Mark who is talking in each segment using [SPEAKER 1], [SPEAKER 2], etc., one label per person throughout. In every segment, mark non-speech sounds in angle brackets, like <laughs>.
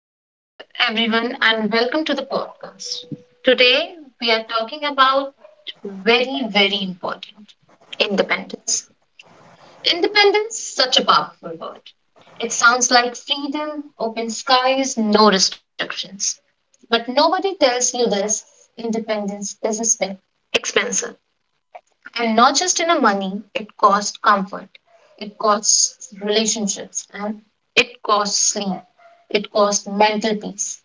[SPEAKER 1] Hello, everyone, and welcome to the podcast. Today, we are talking about very, very important independence. Independence, such a powerful word. It sounds like freedom, open skies, no restrictions. But nobody tells you this independence is expensive. And not just in a money, it costs comfort, it costs relationships, and it costs sleep, it costs mental peace.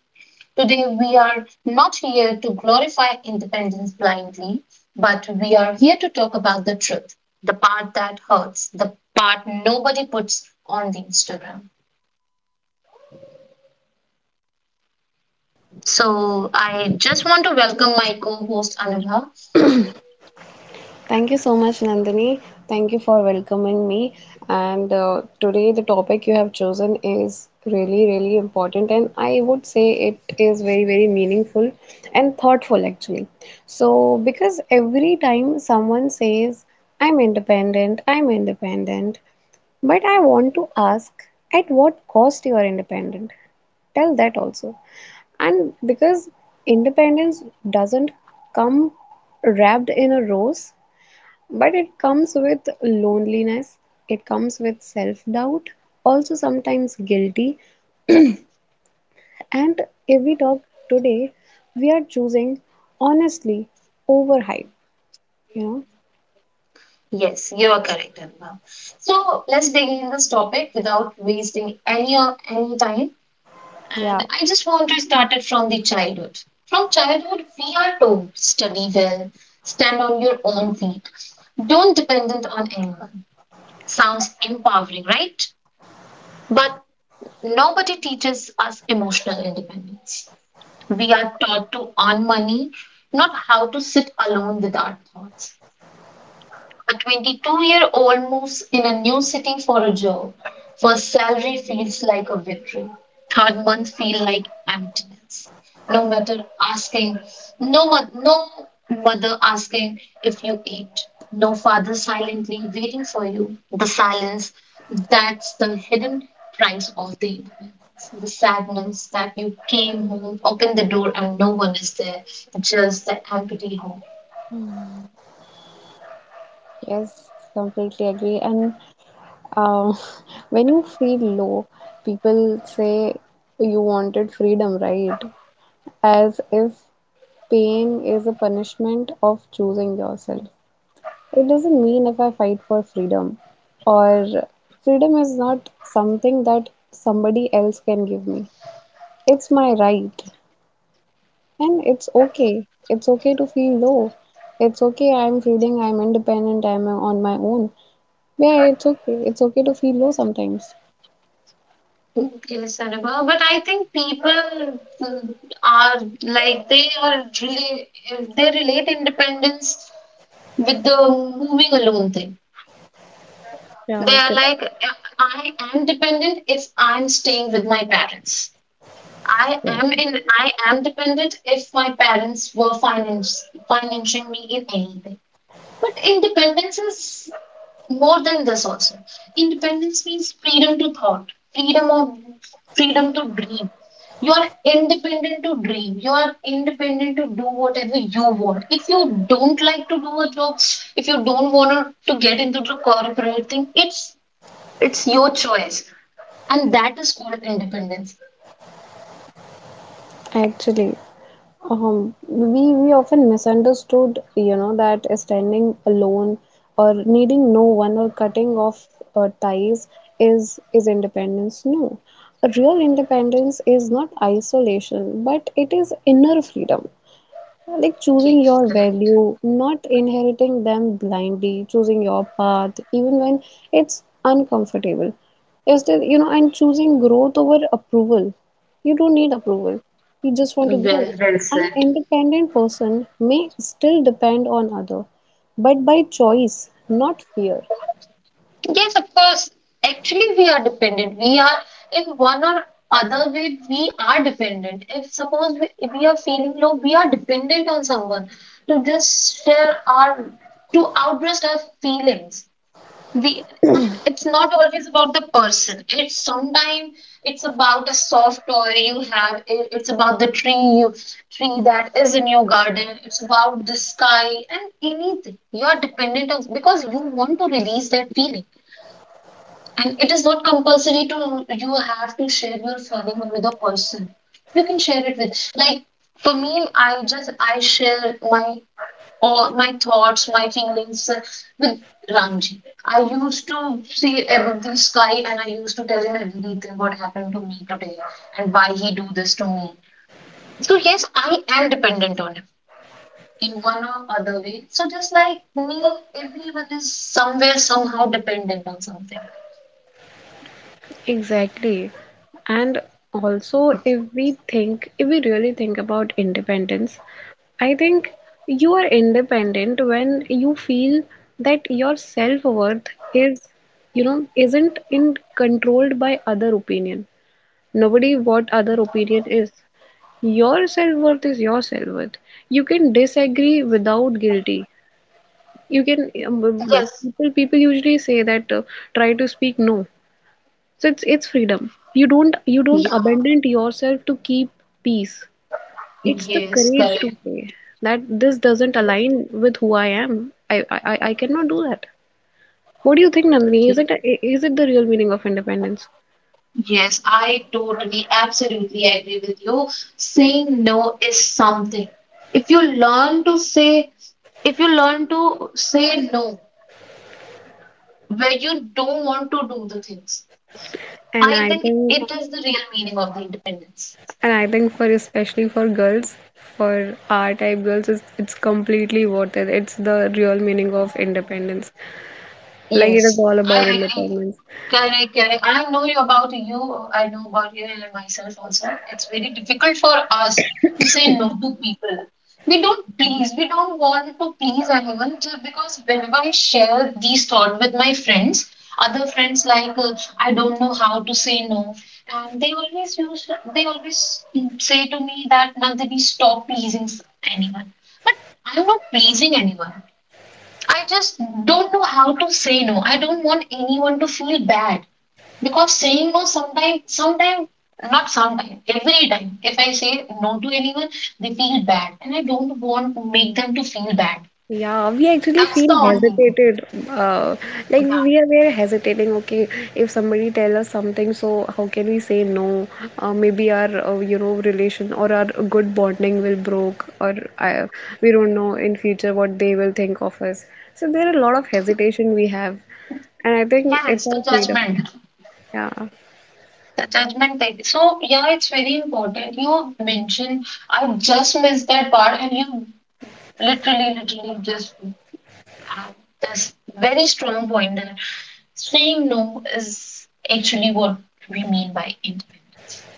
[SPEAKER 1] Today, we are not here to glorify independence blindly, but we are here to talk about the truth, the part that hurts, the part nobody puts on the Instagram. So, I just want to welcome my co host Anubhav.
[SPEAKER 2] Thank you so much, Nandini. Thank you for welcoming me. And today, the topic you have chosen is really, really important. And I would say it is very, very meaningful and thoughtful, actually. So, because every time someone says, I'm independent, but I want to ask, at what cost you are independent? Tell that also. And because independence doesn't come wrapped in a rose, but it comes with loneliness, it comes with self doubt, also sometimes guilty. And if we talk today, we are choosing honestly over hype, you know.
[SPEAKER 1] Yes, you are correct, Anubhav. So, let's begin this topic without wasting any time.
[SPEAKER 2] Yeah,
[SPEAKER 1] And I just want to start it from the childhood. From childhood, we are told study well, stand on your own feet, don't dependent on anyone. Sounds empowering, right? But nobody teaches us emotional independence. We are taught to earn money, not how to sit alone with our thoughts. A 22-year-old moves in a new city for a job. First salary feels like a victory. Third month feel like emptiness. No matter asking, no one, no mother asking if you ate. No father silently waiting for you. The silence, that's the hidden price of the independence. The sadness that you came home, opened the door, and no one is there. Just the empty home.
[SPEAKER 2] yes, completely agree. And um, <laughs> when you feel low, people say you wanted freedom, right? As if pain is a punishment of choosing yourself. It doesn't mean if I fight for freedom, or freedom is not something that somebody else can give me. It's my right, and it's okay. It's okay to feel low. It's okay. I'm feeling I'm independent. I'm on my own. Yeah, it's okay. It's okay to feel low sometimes.
[SPEAKER 1] Yes, Anubhav, but I think people mm, are like they are really they relate independence with the moving alone thing. They
[SPEAKER 2] Yeah,
[SPEAKER 1] are
[SPEAKER 2] good.
[SPEAKER 1] like, I am dependent if I'm staying with my parents. I am dependent if my parents were financing me in anything. But independence is more than this also. Independence means freedom to thought, freedom of freedom to dream. You are independent to dream. You are independent to do whatever you want. If you don't like to do a job, if you don't want to get into the corporate thing, it's your choice. And that is called independence.
[SPEAKER 2] Actually. We often misunderstood, you know, that standing alone or needing no one or cutting off ties is independence. No, a real independence is not isolation, but it is inner freedom. Like
[SPEAKER 1] Okay,
[SPEAKER 2] choosing your
[SPEAKER 1] correct.
[SPEAKER 2] value, not inheriting them blindly, choosing your path, even when it's uncomfortable. Is that, you know, and choosing growth over approval. You don't need approval. You just want to grow.
[SPEAKER 1] Well, well
[SPEAKER 2] An
[SPEAKER 1] said.
[SPEAKER 2] independent person may still depend on other, but by choice, not fear.
[SPEAKER 1] Yes, of course. Actually, we are dependent. We are, in one or other way, we are dependent. If we are feeling low, we are dependent on someone to just share to outburst our feelings. We, and it's not always about the person. It's sometimes it's about a soft toy you have. It's about the tree tree that is in your garden. It's about the sky and anything. You are dependent on because you want to release that feeling and it is not compulsory to you have to share your honeymoon with a person. You can share it with like for me, I share my all my thoughts, my feelings with Ramji. I used to see above the sky and I used to tell him everything what happened to me today and why he do this to me. So yes, I am dependent on him in one or other way. So just like me, everyone is somewhere somehow dependent on something.
[SPEAKER 2] Exactly. And also, if we think, if we really think about independence, I think you are independent when you feel that your self-worth is, you know, isn't in controlled by other opinion. Nobody what other opinion is. Your self-worth is your self-worth. You can disagree without guilty. You can
[SPEAKER 1] Yes,
[SPEAKER 2] people usually say that try to speak no. So it's freedom. You don't abandon yourself to keep peace. It's the courage
[SPEAKER 1] right.
[SPEAKER 2] to say that this doesn't align with who I am. I cannot do that. What do you think, Nandini?
[SPEAKER 1] Okay.
[SPEAKER 2] Is it the real meaning of independence?
[SPEAKER 1] Yes, I totally, absolutely agree with you. Saying no is something. If you learn to say, if you learn to say no, where you don't want to do the things,
[SPEAKER 2] And
[SPEAKER 1] I
[SPEAKER 2] I
[SPEAKER 1] think
[SPEAKER 2] think,
[SPEAKER 1] it is the real meaning of the independence.
[SPEAKER 2] and I think for especially for girls, for our type girls, it's completely worth it. It's the real meaning of independence. Like it is
[SPEAKER 1] Yes,
[SPEAKER 2] all
[SPEAKER 1] I
[SPEAKER 2] about
[SPEAKER 1] agree.
[SPEAKER 2] independence.
[SPEAKER 1] Correct, correct. I know you about you. I know about you and myself also. It's very difficult for us to say no to people. We don't please. We don't want to please anyone just because whenever I share these thoughts with my friends, other friends like I don't know how to say no, and they always say to me that Nandini stop pleasing anyone. But I'm not pleasing anyone. I just don't know how to say no. I don't want anyone to feel bad. Because saying no sometimes, sometimes not sometimes, every time, if I say no to anyone, they feel bad. And I don't want to make them to feel bad.
[SPEAKER 2] Yeah, we actually
[SPEAKER 1] That's
[SPEAKER 2] feel
[SPEAKER 1] the only thing.
[SPEAKER 2] hesitated. Uh, like
[SPEAKER 1] Yeah.
[SPEAKER 2] we are very hesitating. Okay, if somebody tell us something, so how can we say no? Maybe our you know, relation or our good bonding will broke, or I, we don't know in future what they will think of us. So there are a lot of hesitation we have, and I think it's
[SPEAKER 1] Yes, the
[SPEAKER 2] our freedom.
[SPEAKER 1] judgment.
[SPEAKER 2] Yeah,
[SPEAKER 1] The judgment thing. So yeah, it's very important. You mentioned I just missed that part and you literally, literally just have this very strong point that saying no is actually what we mean by independence.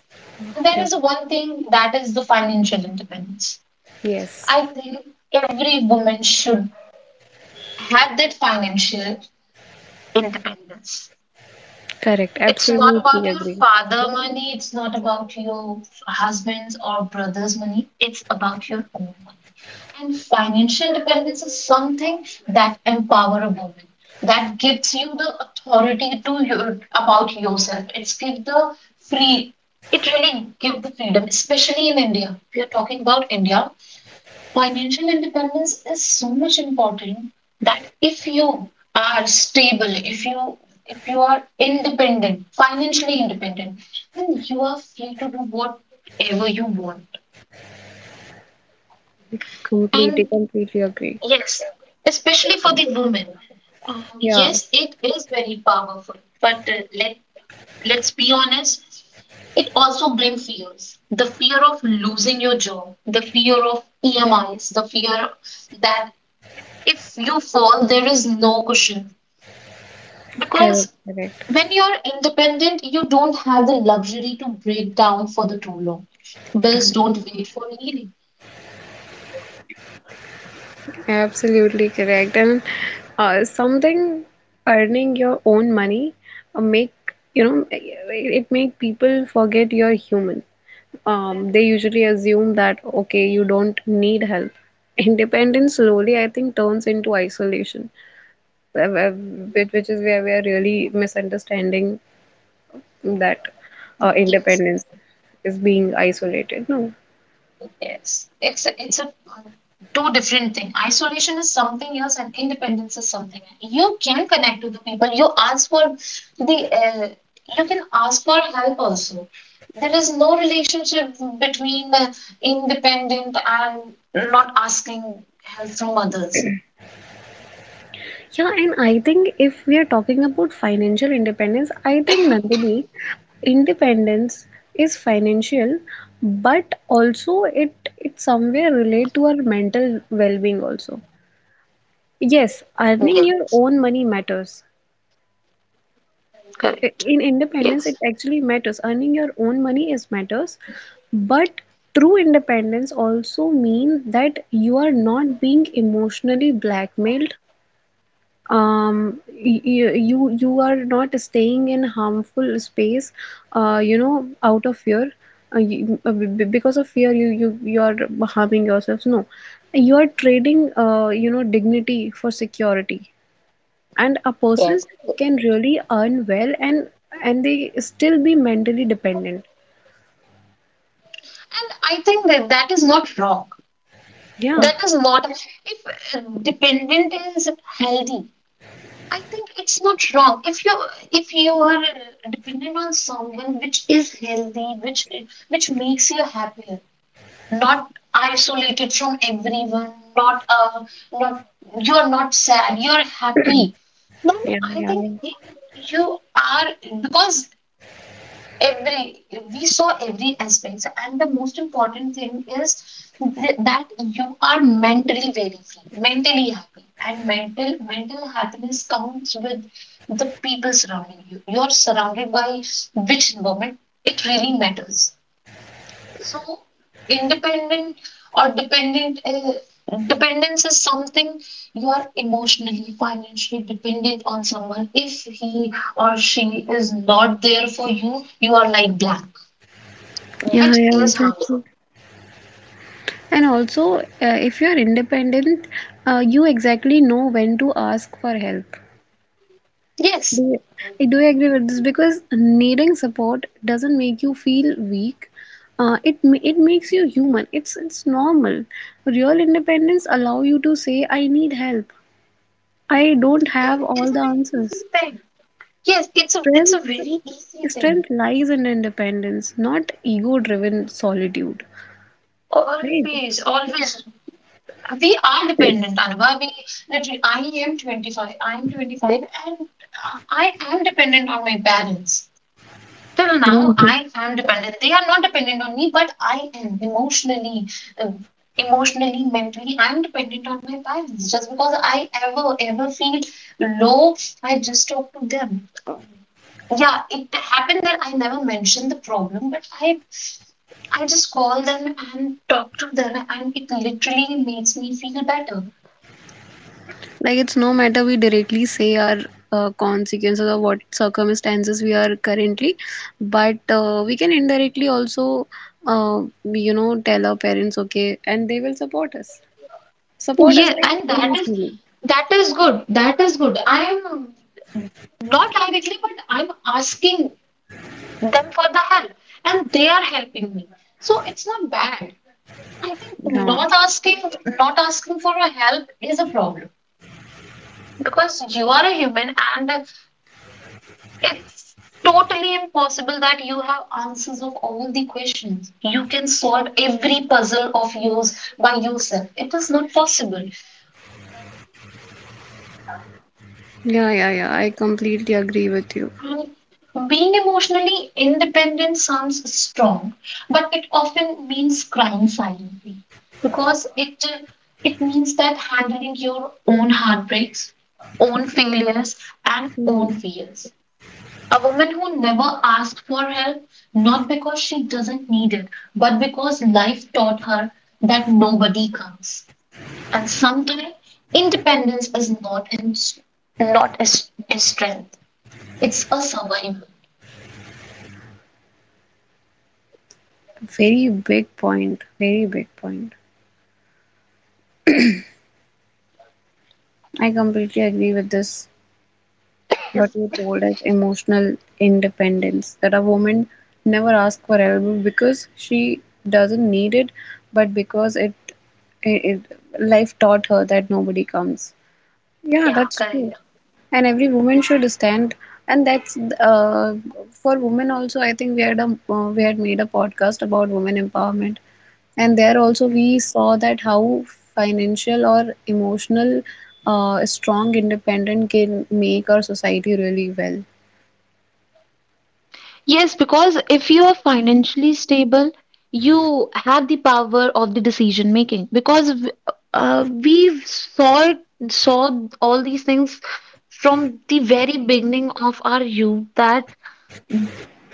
[SPEAKER 1] There
[SPEAKER 2] yeah,
[SPEAKER 1] is one thing that is the financial independence.
[SPEAKER 2] yes,
[SPEAKER 1] I think every woman should have that financial independence.
[SPEAKER 2] correct.
[SPEAKER 1] It's not
[SPEAKER 2] Absolutely
[SPEAKER 1] about your
[SPEAKER 2] agree.
[SPEAKER 1] father money, it's not about your husband's or brother's money, it's about your own money. And financial dependence is something that empower a woman, that gives you the authority to your about yourself. Free it really give the freedom, especially in India. We are talking about India. Financial independence is so much important that if you are stable, if you are independent, financially independent, then you are free to do whatever you want.
[SPEAKER 2] Completely,
[SPEAKER 1] And
[SPEAKER 2] completely agree.
[SPEAKER 1] yes, especially for the women,
[SPEAKER 2] Yeah,
[SPEAKER 1] yes, it is very powerful. But let let's be honest, it also brings fears. The fear of losing your job, the fear of EMIs, the fear that if you fall, there is no cushion,
[SPEAKER 2] correct,
[SPEAKER 1] because
[SPEAKER 2] correct.
[SPEAKER 1] when you're independent, you don't have the luxury to break down for the too long. Bills don't wait for healing.
[SPEAKER 2] Absolutely correct. And something, earning your own money make you know it make people forget you're human. They usually assume that okay, you don't need help. <laughs> Independence slowly, I think, turns into isolation, which is where we are really misunderstanding that
[SPEAKER 1] Yes,
[SPEAKER 2] independence is being isolated. No.
[SPEAKER 1] yes. It's a two different thing. Isolation is something else, and independence is something else. You can connect to the people. You ask for the you can ask for help also. There is no relationship between independent and not asking help from others.
[SPEAKER 2] Yeah, and I think if we are talking about financial independence, I think Nandini, independence is financial, but also it somewhere relate to our mental well-being also. Yes, earning
[SPEAKER 1] Yeah,
[SPEAKER 2] your own money matters. I-
[SPEAKER 1] correct.
[SPEAKER 2] In independence,
[SPEAKER 1] Yes.
[SPEAKER 2] it actually matters. Earning your own money is matters, but true independence also means that you are not being emotionally blackmailed, you are not staying in harmful space you know out of fear, because of fear you are harming yourself no, you are trading you know dignity for security, and a person
[SPEAKER 1] Yes.
[SPEAKER 2] can really earn well and they still be mentally dependent.
[SPEAKER 1] And I think that that is not wrong.
[SPEAKER 2] yeah
[SPEAKER 1] That is not, if dependent is healthy, I think it's not wrong. If you are dependent on someone which is healthy, which makes you happier, not isolated from everyone, not you are not sad, you are happy. Then
[SPEAKER 2] yeah
[SPEAKER 1] I
[SPEAKER 2] yeah
[SPEAKER 1] think
[SPEAKER 2] yeah
[SPEAKER 1] you are because every we saw every aspect. So, and the most important thing is that you are mentally very free mentally happy and mental happiness comes with the people surrounding you you are surrounded by which environment it really matters. So independent or dependent dependence is something you are emotionally financially dependent on someone if he or she is not there for you you are like black,
[SPEAKER 2] yeah,
[SPEAKER 1] which
[SPEAKER 2] yeah
[SPEAKER 1] is harmful.
[SPEAKER 2] exactly. And also, if you are independent, you exactly know when to ask for help. Do
[SPEAKER 1] Yes,
[SPEAKER 2] you- I do agree with this because needing support doesn't make you feel weak. It makes you human. It's normal. Real independence allow you to say, "I need help. I don't have
[SPEAKER 1] it's
[SPEAKER 2] all
[SPEAKER 1] a
[SPEAKER 2] the
[SPEAKER 1] very easy
[SPEAKER 2] answers."
[SPEAKER 1] thing. Yes, it's a
[SPEAKER 2] Strength,
[SPEAKER 1] very easy thing.
[SPEAKER 2] strength lies in independence, not ego-driven solitude. Right?
[SPEAKER 1] Always, always, we are dependent,
[SPEAKER 2] <clears throat>
[SPEAKER 1] Anubhav. We literally, I am 25. I am 25, and I am dependent on my parents. Till now,
[SPEAKER 2] Yeah.
[SPEAKER 1] I am dependent. They are not dependent on me, but I am emotionally. um, Emotionally, mentally, I'm dependent on my parents. Just because I ever, ever feel low, I just talk to them. Yeah, it happened that I never mentioned the problem but I just call them and talk to them, and it literally makes me feel better.
[SPEAKER 2] Like it's no matter we directly say our consequences or what circumstances we are currently, but we can indirectly also, you know, tell our parents, okay, and they will support us. Support us
[SPEAKER 1] Yeah,
[SPEAKER 2] like
[SPEAKER 1] and that is
[SPEAKER 2] emotionally.
[SPEAKER 1] that is good. I am not directly, but I'm asking them for the help and they are helping me, so it's not bad. I think
[SPEAKER 2] Yeah,
[SPEAKER 1] not asking for a help is a problem because you are a human, and it's totally impossible that you have answers of all the questions. You can solve every puzzle of yours by yourself. It is not possible.
[SPEAKER 2] yeah, yeah, yeah. I completely agree with you.
[SPEAKER 1] Being emotionally independent sounds strong, but it often means crying silently because it means that handling your own heartbreaks, own failures, and own
[SPEAKER 2] Hmm.
[SPEAKER 1] fears. A woman who never asked for help, not because she doesn't need it, but because life taught her that nobody comes. And sometimes independence is not a, a strength, it's a survival.
[SPEAKER 2] Very big point. Very big point. I completely agree with this. What you told as emotional independence that a woman never asks for help because she doesn't need it, but because it, life taught her that nobody comes. Yeah,
[SPEAKER 1] Yeah,
[SPEAKER 2] that's true.
[SPEAKER 1] correct.
[SPEAKER 2] And every woman should stand. And that's for women also. I think we had a we had made a podcast about women empowerment, and there also we saw that how financial or emotional strong independent can make our society really well.
[SPEAKER 1] Yes, because if you are financially stable, you have the power of the decision making. Because saw all these things from the very beginning of our youth that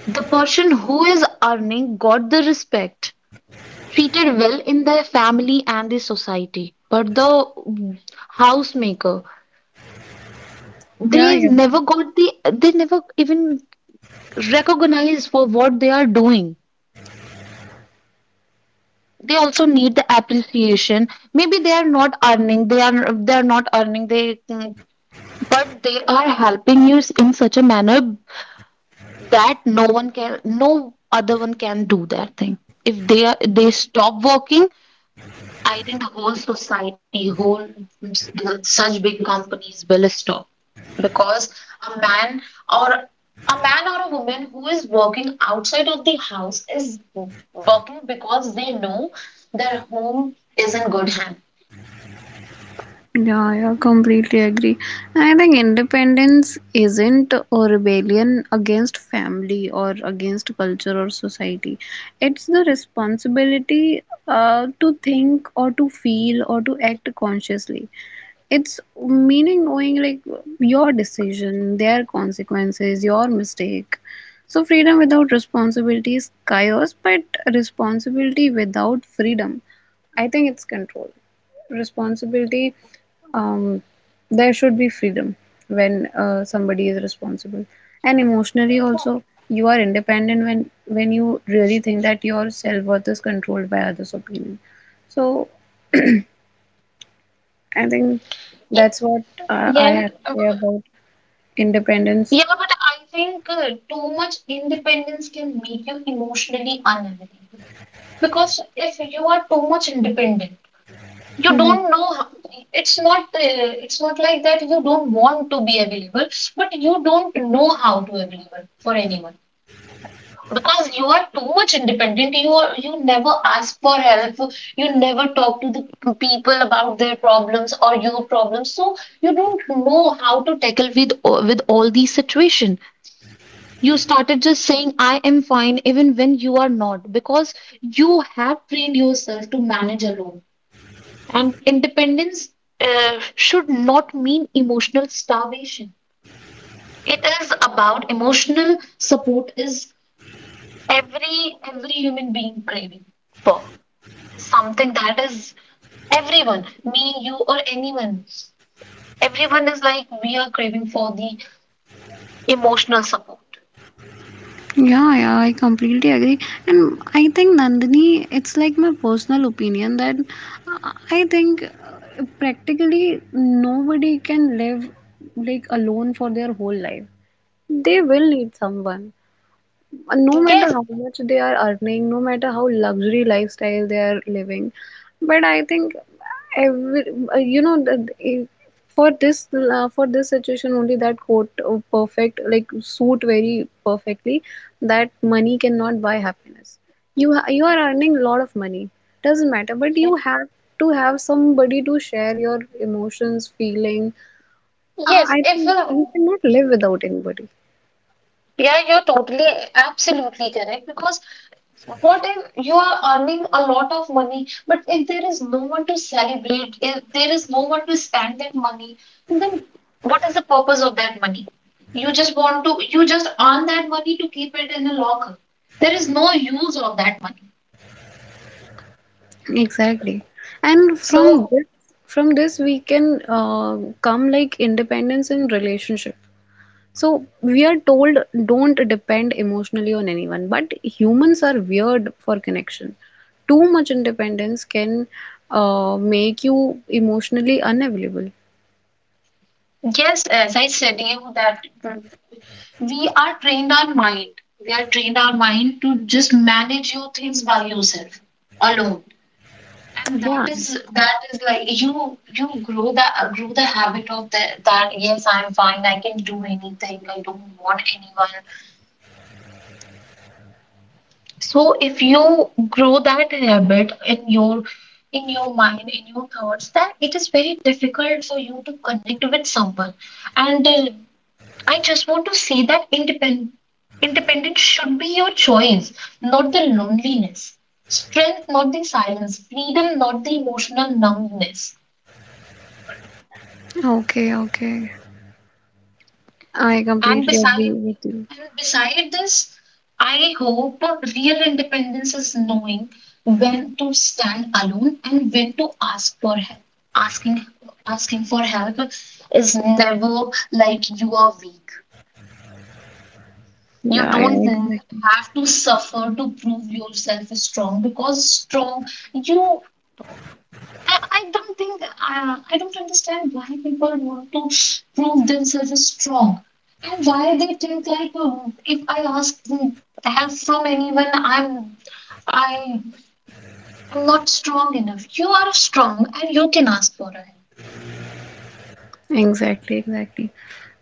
[SPEAKER 1] the person who is earning got the respect, treated well in their family and the society. But the mm, housemaker,
[SPEAKER 2] Yeah,
[SPEAKER 1] they
[SPEAKER 2] yeah.
[SPEAKER 1] never got the, they never even recognized for what they are doing. They also need the appreciation. Maybe they are not earning, they are not earning, but they are helping you in such a manner that no other one can do that thing. If they are, they stop working, I think the whole society, whole such big companies will stop because a man a man or a woman who is working outside of the house is working because they know their home is in good hand.
[SPEAKER 2] Yeah, yeah, completely agree. I think independence isn't a rebellion against family or against culture or society. It's the responsibility to think or to feel or to act consciously. It's meaning knowing like your decision, their consequences, your mistake. So freedom without responsibility is chaos, but responsibility without freedom, I think it's control. Responsibility, um, there should be freedom when somebody is responsible. And emotionally also, you are independent when you really think that your self-worth is controlled by others' opinion. So I think that's what I
[SPEAKER 1] Yeah,
[SPEAKER 2] have to say about independence.
[SPEAKER 1] yeah, but I think too much independence can make you emotionally unavailable because if you are too much independent, you
[SPEAKER 2] Mhm.
[SPEAKER 1] don't know how- it's not like that you don't want to be available but you don't know how to available for anyone because you are too much independent you are you never ask for help you never talk to the people about their problems or your problems, so you don't know how to tackle with all these situation. You started just saying I am fine even when you are not because you have trained yourself to manage alone, and independence should not mean emotional starvation. It is about emotional support is every human being craving for something that is everyone, me, you, or anyone. Everyone is like we are craving for the emotional support.
[SPEAKER 2] Yeah, yeah, I completely agree. And I think Nandini, it's like my personal opinion that I think practically nobody can live like alone for their whole life. They will need someone. And no matter
[SPEAKER 1] Yes,
[SPEAKER 2] how much they are earning, no matter how luxury lifestyle they are living, but I think every you know for this for this situation only that coat of perfect like suit very perfectly that money cannot buy happiness. You are earning a lot of money, doesn't matter, but you
[SPEAKER 1] yes.
[SPEAKER 2] have to have somebody to share your emotions, feeling.
[SPEAKER 1] Yes.
[SPEAKER 2] I
[SPEAKER 1] If
[SPEAKER 2] think you cannot live without anybody.
[SPEAKER 1] yeah, you're totally absolutely correct because what if you are earning a lot of money, but if there is no one to celebrate, if there is no one to spend that money, then what is the purpose of that money? You just earn that money to keep it in a locker. There is no use of that money.
[SPEAKER 2] Exactly. And
[SPEAKER 1] So,
[SPEAKER 2] from this we can come like independence in relationship. So we are told don't depend emotionally on anyone, but humans are weird for connection. Too much independence can make you emotionally unavailable.
[SPEAKER 1] yes, as I said you that we are trained our mind. We are trained our mind to just manage your things by yourself alone. And
[SPEAKER 2] Yeah.
[SPEAKER 1] that is like you grow the habit of the, that yes I'm fine I can do anything I don't want anyone. So if you grow that habit in your mind in your thoughts that it is very difficult for you to connect with someone. And I just want to say that independent independence should be your choice, not the loneliness, strength not the silence, freedom not the emotional numbness.
[SPEAKER 2] Okay, okay. I
[SPEAKER 1] And
[SPEAKER 2] completely
[SPEAKER 1] beside
[SPEAKER 2] agree with you.
[SPEAKER 1] and beside this, I hope real independence is knowing when to stand alone and when to ask for help. Asking asking for help is never like you are weak. You
[SPEAKER 2] Yeah,
[SPEAKER 1] don't
[SPEAKER 2] yeah, exactly.
[SPEAKER 1] have to suffer to prove yourself strong, because strong you I don't think I don't understand why people want to prove themselves as strong, and why they think like oh, if I ask help from anyone I am not strong enough. You are strong and you can ask for help.
[SPEAKER 2] Exactly, exactly.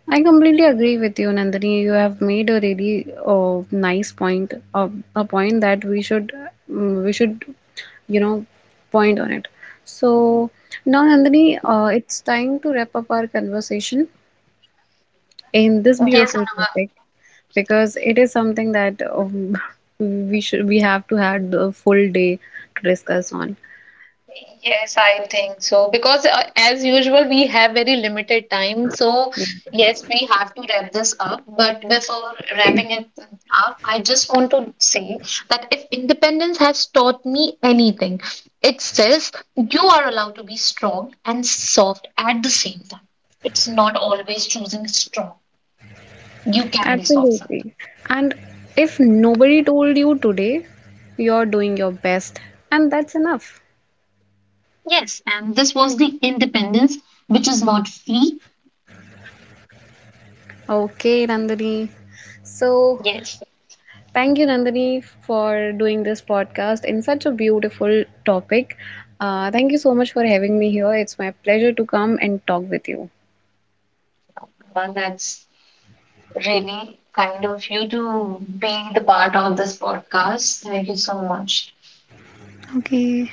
[SPEAKER 2] I completely agree with you, Nandini. You have made a really nice a point that we should, we should, you know, point on it. So now, Nandini, it's time to wrap up our conversation in this
[SPEAKER 1] Yes,
[SPEAKER 2] beautiful
[SPEAKER 1] Anna.
[SPEAKER 2] topic because it is something that <laughs> we should, we have to have the full day to discuss on.
[SPEAKER 1] Yes, I think so. Because as usual, we have very limited time. So, yes, we have to wrap this up. But before wrapping it up, I just want to say that if independence has taught me anything, it says you are allowed to be strong and soft at the same time. It's not always choosing strong. You can be soft sometimes.
[SPEAKER 2] Absolutely. And if nobody told you today, you're doing your best, and that's enough.
[SPEAKER 1] Yes, and this was the independence, which is not free.
[SPEAKER 2] Okay, Nandini. So,
[SPEAKER 1] Yes,
[SPEAKER 2] thank you, Nandini, for doing this podcast in such a beautiful topic. Thank you so much for having me here. It's my pleasure to come and talk with you.
[SPEAKER 1] but that's really kind of you to be the part of this podcast. Thank you so much.
[SPEAKER 2] Okay.